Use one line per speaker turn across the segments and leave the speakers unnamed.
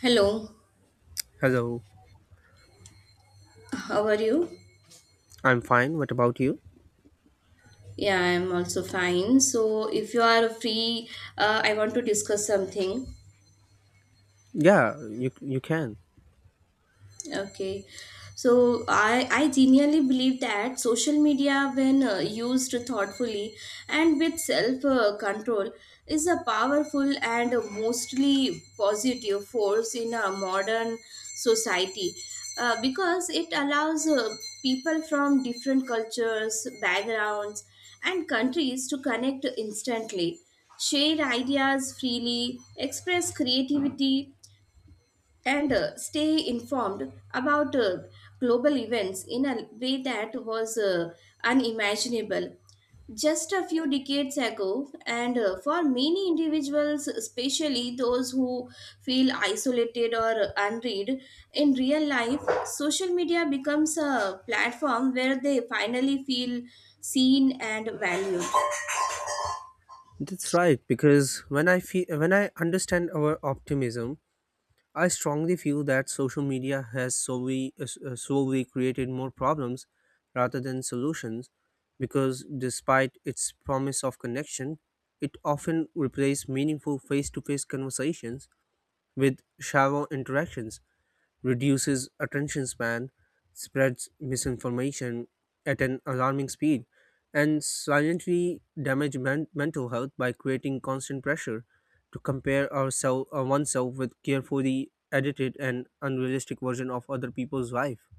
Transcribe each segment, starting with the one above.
Hello,
Hello,
how are you?
I'm fine. What about you?
Yeah, I'm also fine. So, if you are free, I want to discuss something.
Yeah, you can.
Okay. So I genuinely believe that social media, when used thoughtfully and with self control, is a powerful and mostly positive force in a modern society. Because it allows people from different cultures, backgrounds, and countries to connect instantly, share ideas freely, express creativity, and stay informed about global events in a way that was unimaginable just a few decades ago. And for many individuals, especially those who feel isolated or unread in real life, social media becomes a platform where they finally feel seen and valued.
That's right. Because when I feel when I understand our optimism, I strongly feel that social media has solely solely created more problems rather than solutions. Because despite its promise of connection, it often replaces meaningful face-to-face conversations with shallow interactions reduces attention span, spreads misinformation at an alarming speed, and silently damage mental health by creating constant pressure to compare ourselves oneself with carefully edited and unrealistic version of other people's life.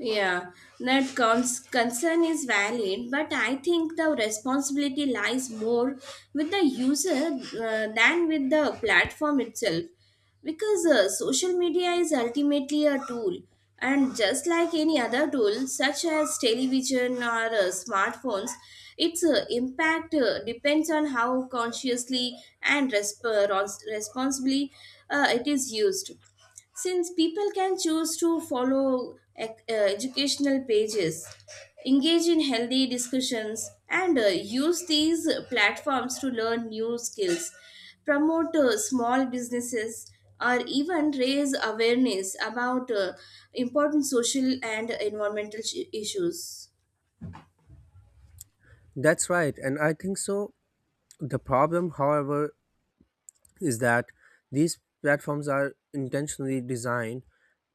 Yeah, that concern is valid, but I think the responsibility lies more with the user than with the platform itself, because social media is ultimately a tool, and just like any other tool such as television or smartphones, its impact depends on how consciously and responsibly it is used, since people can choose to follow educational pages, engage in healthy discussions, and use these platforms to learn new skills, promote small businesses, or even raise awareness about important social and environmental issues.
That's right, and I think so. The problem, however, is that these platforms are intentionally designed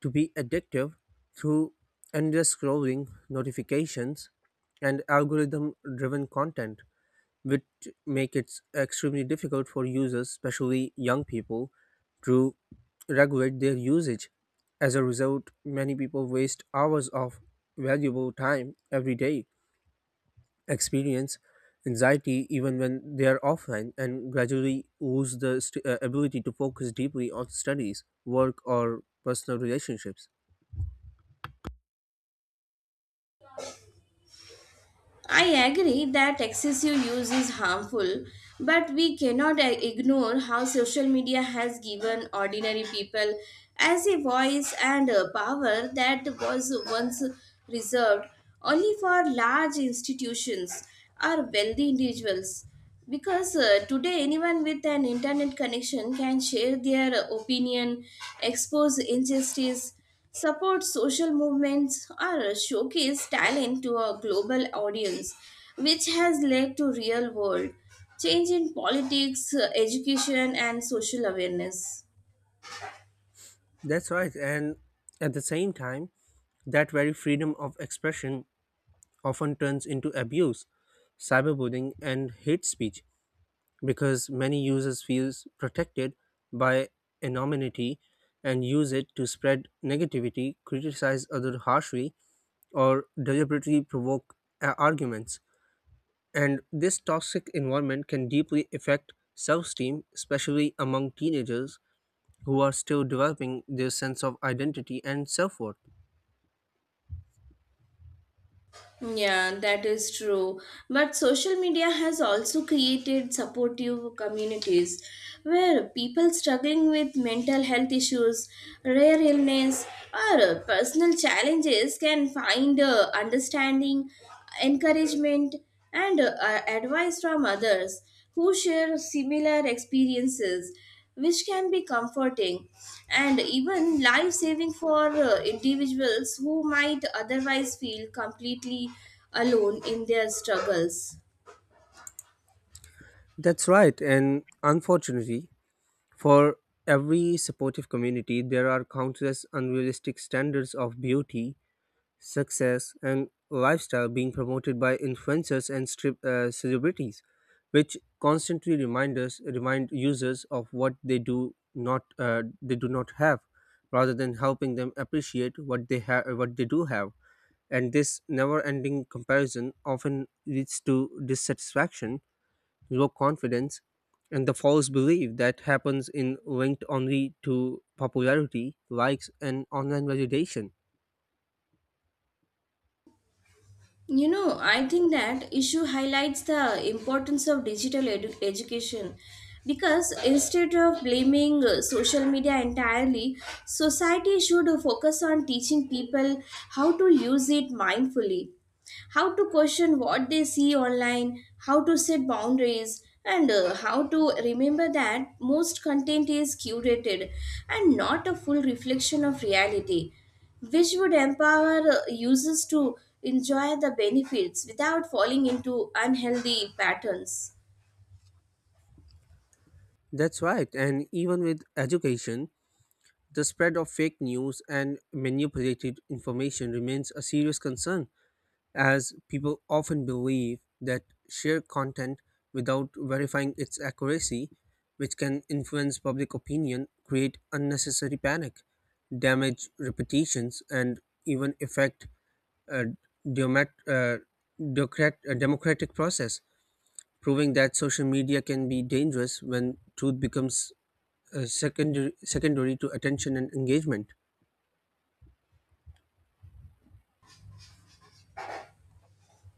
to be addictive through endless scrolling, notifications, and algorithm driven content, which make it extremely difficult for users, especially young people, to regulate their usage. As a result, many people waste hours of valuable time every day experience anxiety even when they are offline and gradually lose the ability to focus deeply on studies, work, or personal relationships.
I agree that excessive use is harmful, but we cannot ignore how social media has given ordinary people as a voice and a power that was once reserved only for large institutions or wealthy individuals. Because today, anyone with an internet connection can share their opinion, expose injustice, support social movements, or showcase talent to a global audience, which has led to real world change in politics, education, and social awareness.
That's right. And at the same time, that very freedom of expression often turns into abuse, cyberbullying, and hate speech because many users feel protected by anonymity and use it to spread negativity, criticize others harshly, or deliberately provoke arguments. And this toxic environment can deeply affect self esteem, especially among teenagers who are still developing their sense of identity and self worth.
Yeah, that is true. But social media has also created supportive communities where people struggling with mental health issues, rare illness, or personal challenges can find understanding, encouragement, and advice from others who share similar experiences, which can be comforting and even life saving for individuals who might otherwise feel completely alone in their struggles.
That's right, and unfortunately, for every supportive community, there are countless unrealistic standards of beauty success, and lifestyle being promoted by influencers and celebrities, which constantly remind users of what they do not have, rather than helping them appreciate what they do have. And this never-ending comparison often leads to dissatisfaction, low confidence, and the false belief that happens in linked only to popularity, likes, and online validation.
I think that issue highlights the importance of digital education, because instead of blaming social media entirely, society should focus on teaching people how to use it mindfully, how to question what they see online, how to set boundaries, and how to remember that most content is curated and not a full reflection of reality, which would empower users to enjoy the benefits without falling into unhealthy patterns.
That's right, and even with education, the spread of fake news and manipulated information remains a serious concern, as people often believe that share content without verifying its accuracy, which can influence public opinion, create unnecessary panic, damage reputations, and even affect a demat- uh, democratic process, proving that social media can be dangerous when truth becomes secondary to attention and engagement.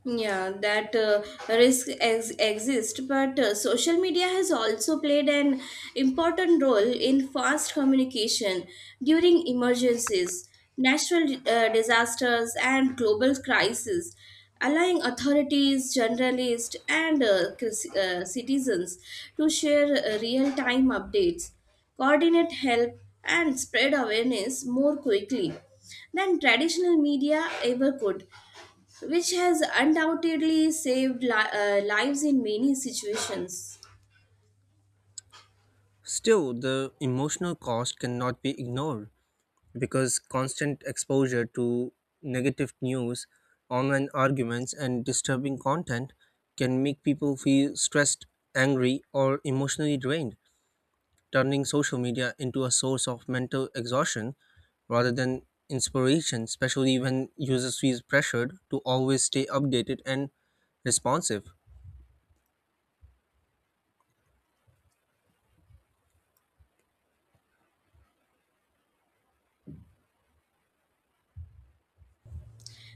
Yeah, that risk exists, but social media has also played an important role in fast communication during emergencies, natural disasters, and global crises, allowing authorities, journalists, and citizens to share real-time updates, coordinate help, and spread awareness more quickly than traditional media ever could, which has undoubtedly saved lives in many situations.
Still, the emotional cost cannot be ignored because constant exposure to negative news, online arguments, and disturbing content can make people feel stressed, angry, or emotionally drained, turning social media into a source of mental exhaustion rather than inspiration, especially when users feel pressured to always stay updated and responsive.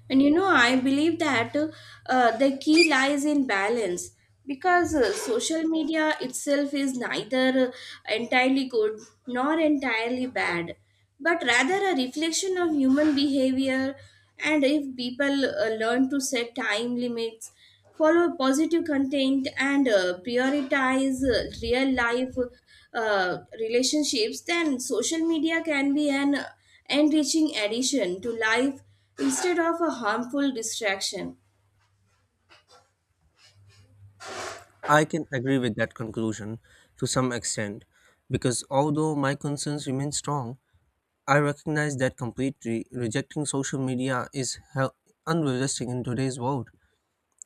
I believe that the key lies in balance, because social media itself is neither entirely good nor entirely bad, but rather a reflection of human behavior. And if people learn to set time limits, follow positive content, and prioritize real life relationships, then social media can be an enriching addition to life instead of a harmful distraction.
I can agree with that conclusion to some extent because although my concerns remain strong, I recognize that completely rejecting social media is unrealistic in today's world.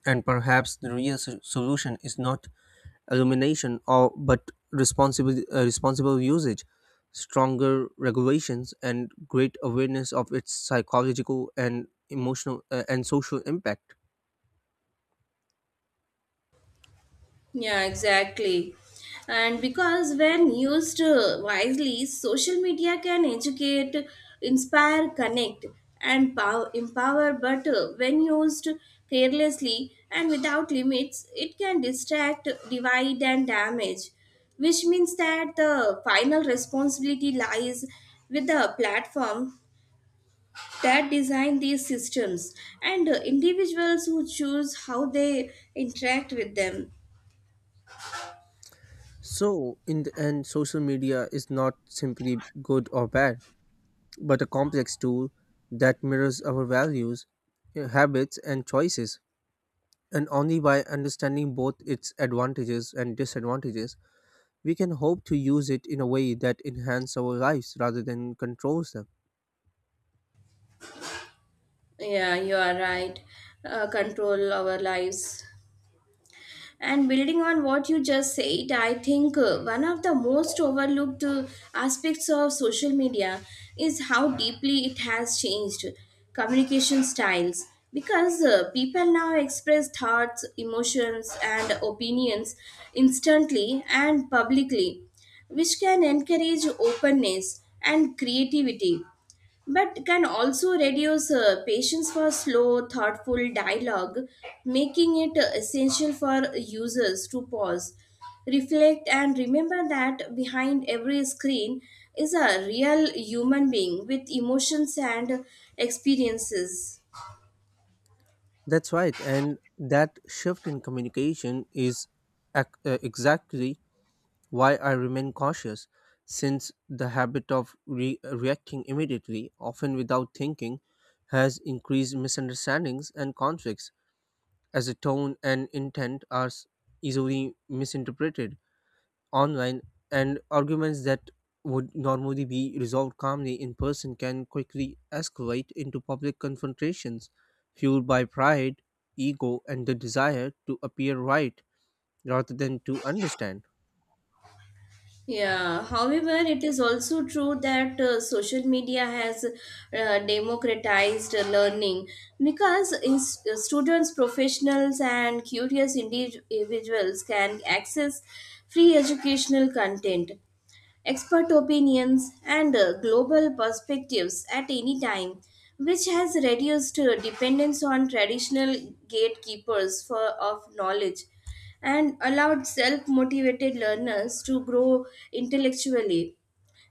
And perhaps the real solution is not elimination or but responsible usage stronger regulations and great awareness of its psychological and emotional and social impact.
Yeah, exactly. And because when used wisely, social media can educate, inspire, connect, and empower. But when used carelessly and without limits, it can distract, divide, and damage. Which means that the final responsibility lies with the platform that design these systems and individuals who choose how they interact with them.
So, in the end, social media is not simply good or bad, but a complex tool that mirrors our values, habits, and choices. And only by understanding both its advantages and disadvantages, we can hope to use it in a way that enhances our lives rather than controls them.
Yeah, you are right. Control our lives. And building on what you just said, I think one of the most overlooked aspects of social media is how deeply it has changed communication styles. Because people now express thoughts, emotions, and opinions instantly and publicly, which can encourage openness and creativity but can also reduce patience for slow, thoughtful dialogue, making it essential for users to pause, reflect, and remember that behind every screen is a real human being with emotions and experiences.
That's right, and that shift in communication is exactly why I remain cautious, since the habit of reacting immediately, often without thinking, has increased misunderstandings and conflicts, as the tone and intent are easily misinterpreted online, and arguments that would normally be resolved calmly in person can quickly escalate into public confrontations, fueled by pride, ego, and the desire to appear right rather than to understand.
Yeah, however, it is also true that social media has democratized learning, because students, professionals, and curious individuals can access free educational content, expert opinions, and global perspectives at any time, which has reduced dependence on traditional gatekeepers of knowledge, and allowed self motivated learners to grow intellectually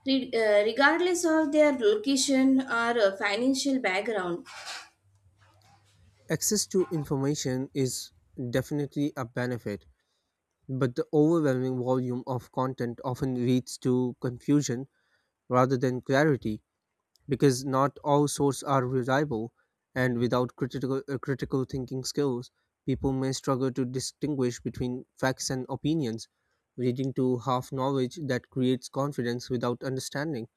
regardless of their location or financial background.
Access to information is definitely a benefit, but the overwhelming volume of content often leads to confusion rather than clarity because not all sources are reliable and without critical thinking skills, people may struggle to distinguish between facts and opinions, leading to half knowledge that creates confidence without understanding,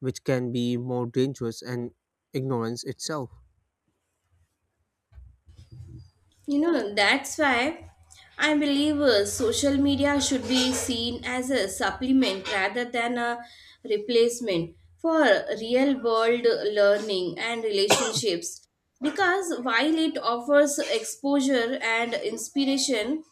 which can be more dangerous than ignorance itself.
That's why I believe social media should be seen as a supplement rather than a replacement for real world learning and relationships. Because while it offers exposure and inspiration,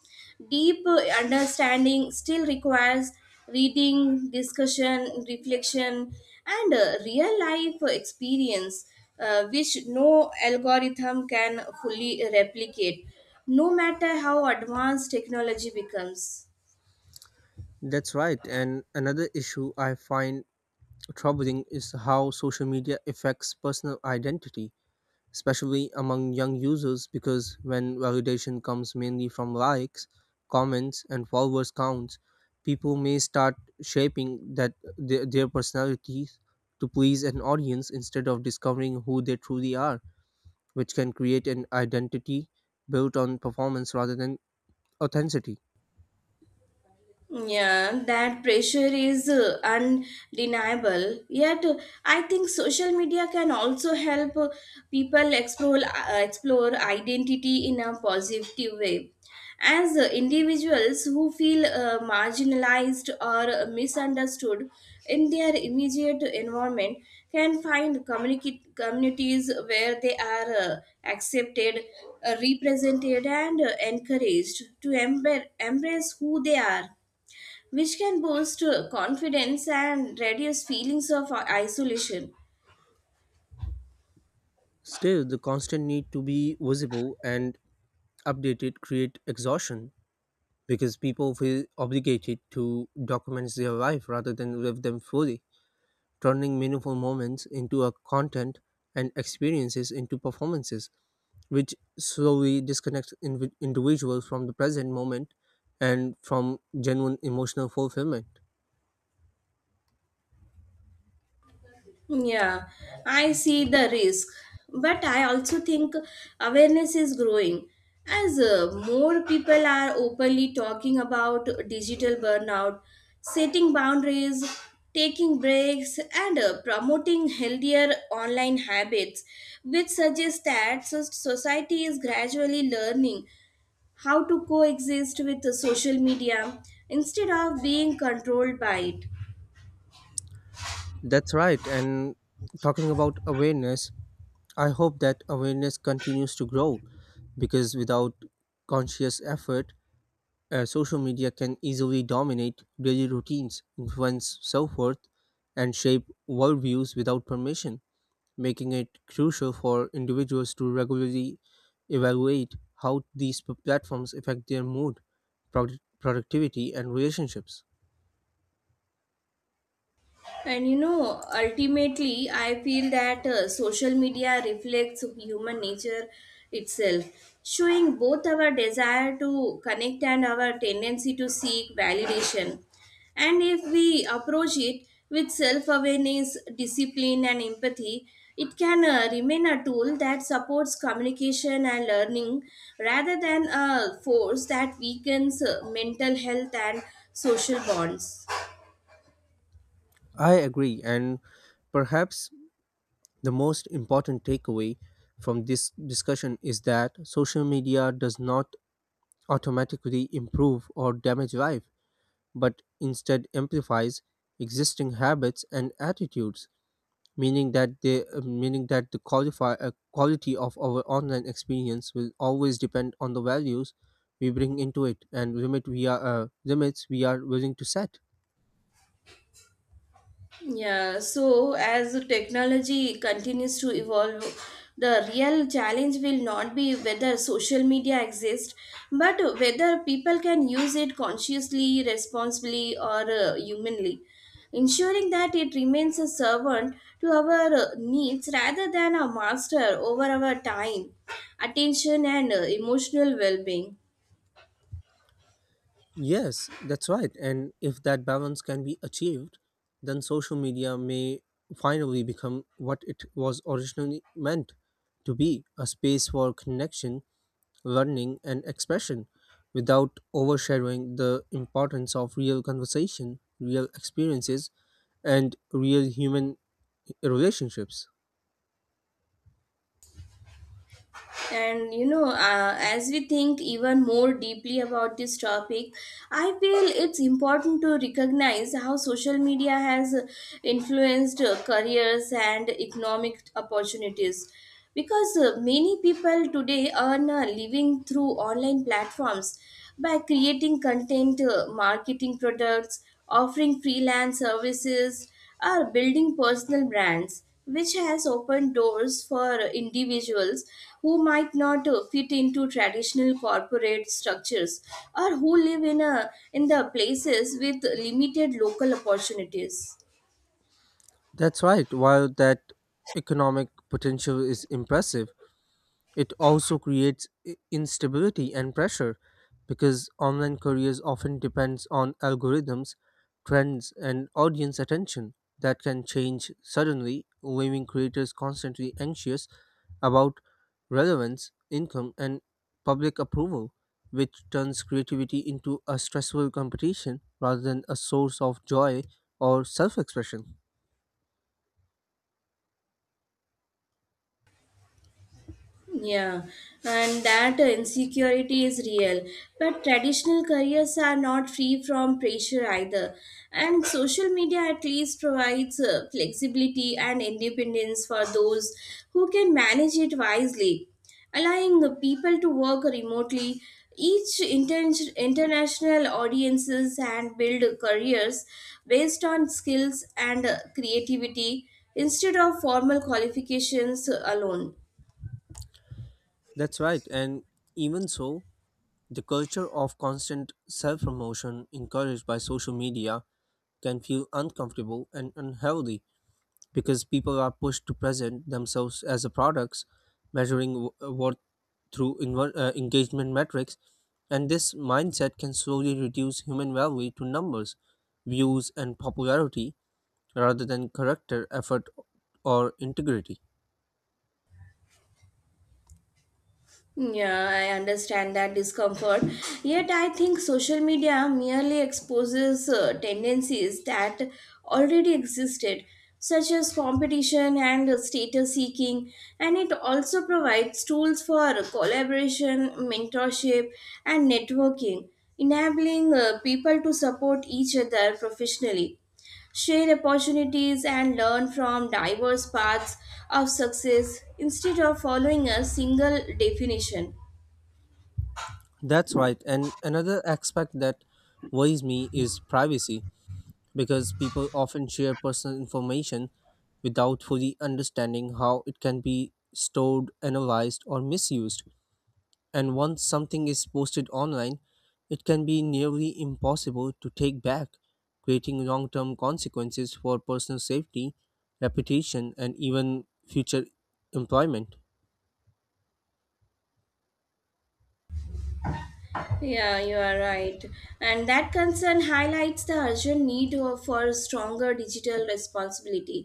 deep understanding still requires reading, discussion, reflection, and real life experience, which no algorithm can fully replicate, no matter how advanced technology becomes.
That's right. And another issue I find troubling is how social media affects personal identity, especially among young users, because when validation comes mainly from likes, comments, and followers counts, people may start shaping their personalities to please an audience instead of discovering who they truly are, which can create an identity built on performance rather than authenticity.
Yeah, that pressure is undeniable. Yet, I think social media can also help people explore identity in a positive way. As individuals who feel marginalized or misunderstood in their immediate environment can find communicate communities where they are accepted, represented, and encouraged to embrace who they are, which can boost confidence and reduce feelings of isolation.
Still, the constant need to be visible and updated create exhaustion because people feel obligated to document their life rather than live them fully, turning meaningful moments into a content and experiences into performances, which slowly disconnects individuals from the present moment and from genuine emotional fulfillment.
Yeah, I see the risk, but I also think awareness is growing, as more people are openly talking about digital burnout, setting boundaries, taking breaks, and promoting healthier online habits, which suggests that society is gradually learning how to coexist with the social media instead of being controlled by it.
That's right. And talking about awareness, I hope that awareness continues to grow because without conscious effort, social media can easily dominate daily routines, influence self worth, and shape worldviews without permission, making it crucial for individuals to regularly evaluate how these platforms affect their mood, productivity, and relationships.
Ultimately, I feel that social media reflects human nature itself, showing both our desire to connect and our tendency to seek validation. And if we approach it with self awareness, discipline, and empathy, it can remain a tool that supports communication and learning rather than a force that weakens mental health and social bonds.
I agree, and perhaps the most important takeaway from this discussion is that social media does not automatically improve or damage life but instead amplifies existing habits and attitudes, meaning that the quality of our online experience will always depend on the values we bring into it and limits we are willing to set.
Yeah, so as the technology continues to evolve, the real challenge will not be whether social media exists, but whether people can use it consciously, responsibly, or humanly, ensuring that it remains a servant to our needs rather than a master over our time, attention, and emotional well being.
Yes, that's right. And if that balance can be achieved, then social media may finally become what it was originally meant to be a space for connection learning, and expression without overshadowing the importance of real conversation, real experiences, and real human relationships.
As we think even more deeply about this topic, I feel it's important to recognize how social media has influenced careers and economic opportunities. Because many people today earn a living through online platforms by creating content, marketing products, offering freelance services, or building personal brands, which has opened doors for individuals who might not fit into traditional corporate structures or who live in a in the places with limited local opportunities.
That's right, while that economic potential is impressive, it also creates instability and pressure because online careers often depends on algorithms, trends and audience attention that can change suddenly, leaving creators constantly anxious about relevance, income and public approval, which turns creativity into a stressful competition rather than a source of joy or self-expression.
Yeah, and that insecurity is real. But traditional careers are not free from pressure either. And social media at least provides flexibility and independence for those who can manage it wisely, allowing the people to work remotely. Each international audiences and build careers based on skills and creativity instead of formal qualifications alone.
That's right. And even so, the culture of constant self promotion encouraged by social media can feel uncomfortable and unhealthy because people are pushed to present themselves as a products, measuring worth through engagement metrics, and this mindset can slowly reduce human value to numbers, views, and popularity rather than character, effort, or integrity.
Yeah, I understand that discomfort. Yet, I think social media merely exposes tendencies that already existed, such as competition and status seeking, and it also provides tools for collaboration, mentorship, and networking, enabling people to support each other professionally, share opportunities, and learn from diverse paths of success instead of following a single definition.
That's right, and another aspect that worries me is privacy because people often share personal information without fully understanding how it can be stored, analyzed, or misused. And once something is posted online, it can be nearly impossible to take back, creating long term consequences for personal safety, reputation, and even future employment.
Yeah, you are right. And that concern highlights the urgent need for stronger digital responsibility,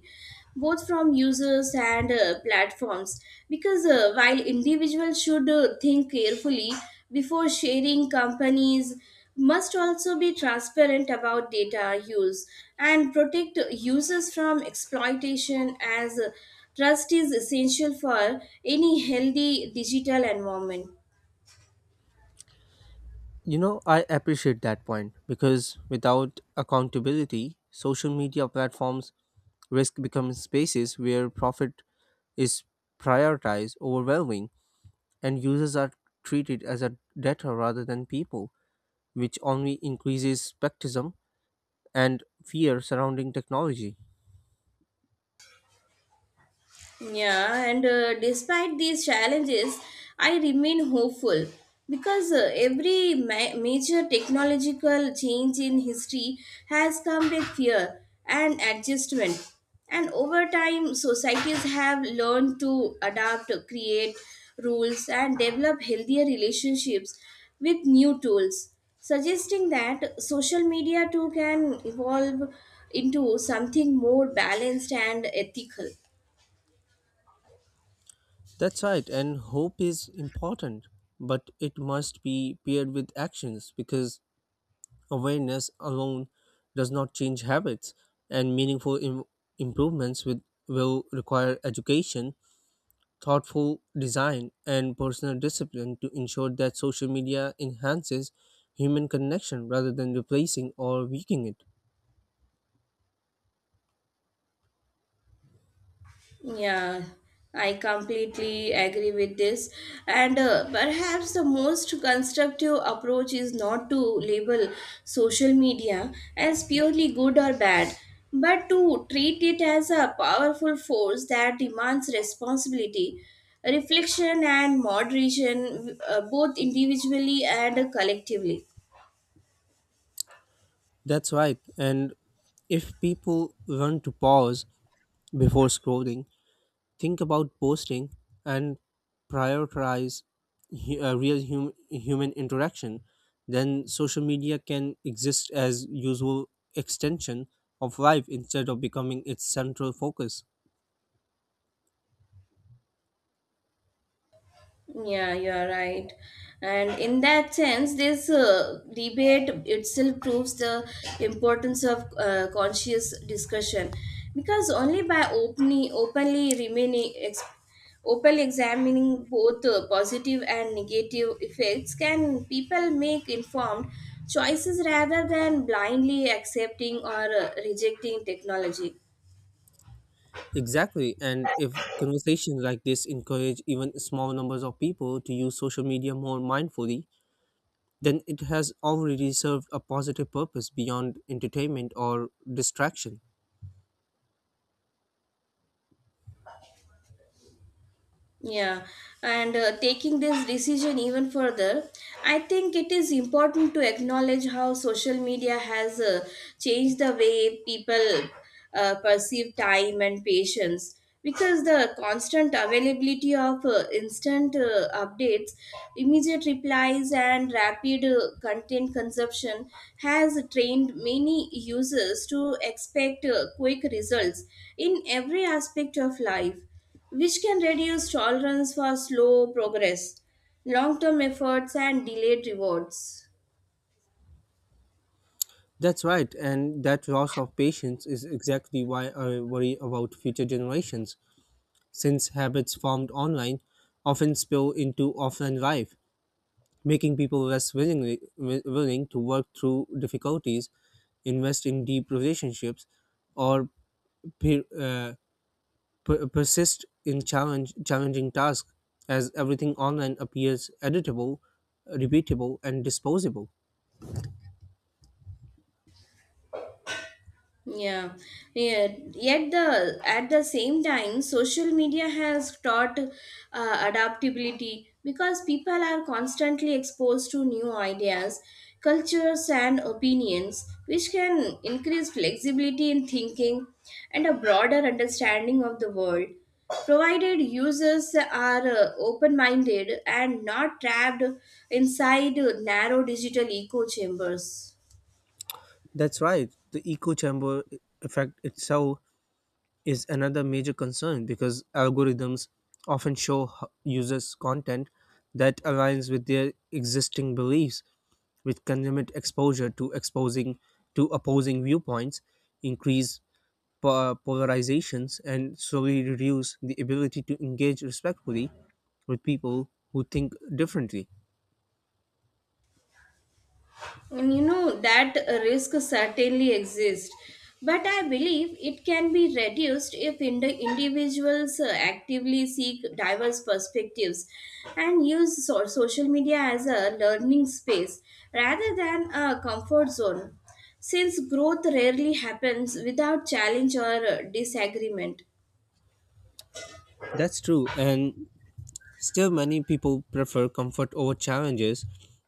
both from users and platforms. Because while individuals should think carefully before sharing, companies must also be transparent about data use and protect users from exploitation, as trust is essential for any healthy digital environment.
You know, I appreciate that point because without accountability, social media platforms risk becoming spaces where profit is prioritized overwhelming and users are treated as a data rather than people, which only increases skepticism and fear surrounding technology.
Yeah, and despite these challenges, I remain hopeful because every major technological change in history has come with fear and adjustment. And over time, societies have learned to adapt, create rules, and develop healthier relationships with new tools, suggesting that social media too can evolve into something more balanced and ethical.
That's right, and hope is important, but it must be paired with actions because awareness alone does not change habits, and meaningful improvements will require education, thoughtful design, and personal discipline to ensure that social media enhances human connection rather than replacing or weakening it.
Yeah, I completely agree with this. And perhaps the most constructive approach is not to label social media as purely good or bad, but to treat it as a powerful force that demands responsibility, reflection, and moderation, both individually and collectively.
That's right. And if people learn to pause before scrolling, think about posting, and prioritize hu- uh, real hum- human interaction, then social media can exist as useful extension of life instead of becoming its central focus.
Yeah, you are right. And in that sense, this debate itself proves the importance of conscious discussion, because only by openly examining both positive and negative effects can people make informed choices rather than blindly accepting or rejecting technology.
Exactly. And if conversations like this encourage even small numbers of people to use social media more mindfully, then it has already served a positive purpose beyond entertainment or distraction.
Yeah, and taking this decision even further, I think it is important to acknowledge how social media has changed the way people perceive time and patience, because the constant availability of instant updates, immediate replies, and rapid content consumption has trained many users to expect quick results in every aspect of life, which can reduce tolerance for slow progress, long term efforts, and delayed rewards.
That's right. And that loss of patience is exactly why I worry about future generations, since habits formed online often spill into offline life, making people willing to work through difficulties invest in deep relationships or per, uh, persist in challenge challenging tasks as everything online appears editable, repeatable, and disposable.
Yeah. Yeah. Yet the at the same time, social media has taught adaptability, because people are constantly exposed to new ideas, cultures, and opinions, which can increase flexibility in thinking and a broader understanding of the world, provided users are open-minded and not trapped inside narrow digital echo chambers.
That's right. The echo chamber effect itself is another major concern because algorithms often show users content that aligns with their existing beliefs, which can limit exposure to opposing viewpoints, increase polarizations, and slowly reduce the ability to engage respectfully with people who think differently.
And that risk certainly exists, but I believe it can be reduced if individuals actively seek diverse perspectives and use social media as a learning space rather than a comfort zone, since growth rarely happens without challenge or disagreement.
That's true, and still, many people prefer comfort over challenges,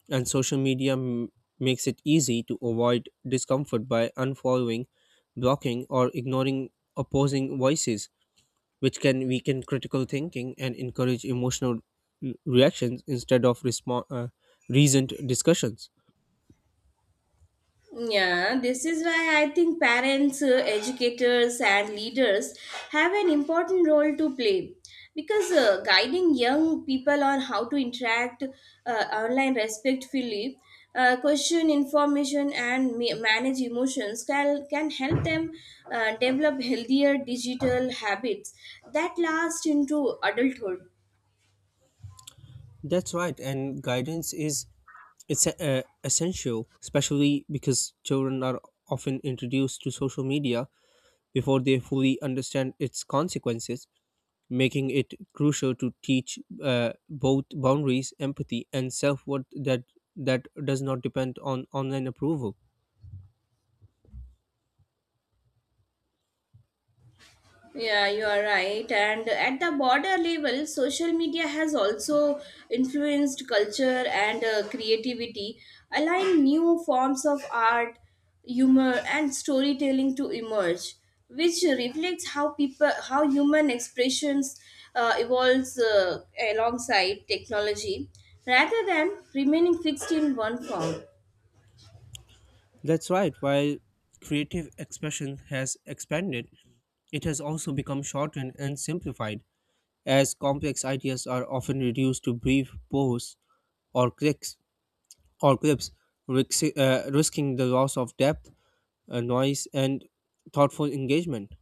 and social makes it easy to avoid discomfort by unfollowing, blocking, or ignoring opposing voices, which can weaken critical thinking and encourage emotional reactions instead of reasoned discussions.
Yeah, this is why I think parents, educators, and leaders have an important role to play, because guiding young people on how to interact online respectfully, question information, and manage emotions can help them develop healthier digital habits that last into adulthood.
That's right, and guidance is it's essential, especially because children are often introduced to social media before they fully understand its consequences, making it crucial to teach both boundaries, empathy, and self worth that does not depend on online approval.
Yeah, you are right. And at the border level, social media has also influenced culture and creativity, allowing new forms of art, humor, and storytelling to emerge, which reflects how human expressions evolves alongside technology, rather than remaining fixed in one form.
That's right. While creative expression has expanded, it has also become shortened and simplified, as complex ideas are often reduced to brief posts or clicks or clips, risking the loss of depth, noise, and thoughtful engagement.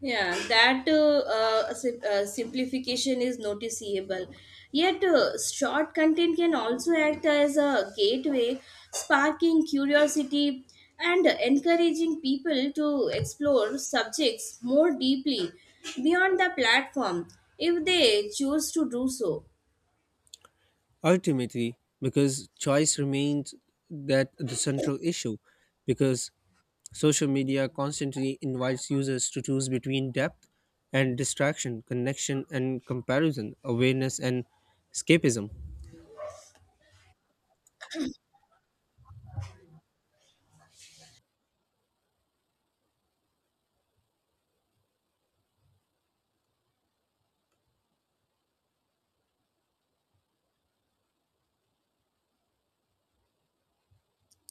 Yeah, that simplification is noticeable. Yet, short content can also act as a gateway, sparking curiosity and encouraging people to explore subjects more deeply beyond the platform if they choose to do so.
Ultimately, because choice remains that the central issue, because social media constantly invites users to choose between depth and distraction, connection and comparison, awareness and escapism.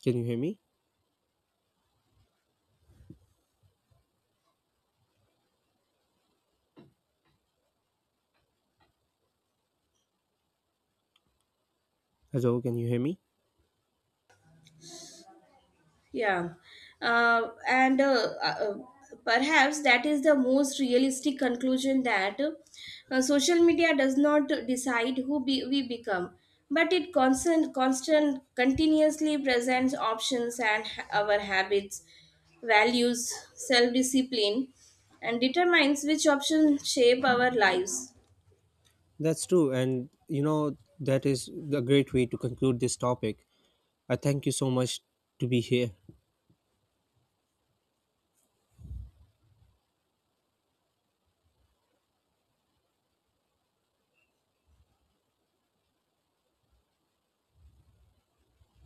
Can you hear me? Hello, can you hear me?
Yeah, and perhaps that is the most realistic conclusion that social media does not decide who we become, but it continuously presents options, and our habits, values, self-discipline, and determines which options shape our lives.
That's true, and you know that is a great way to conclude this topic. I thank you so much to be here.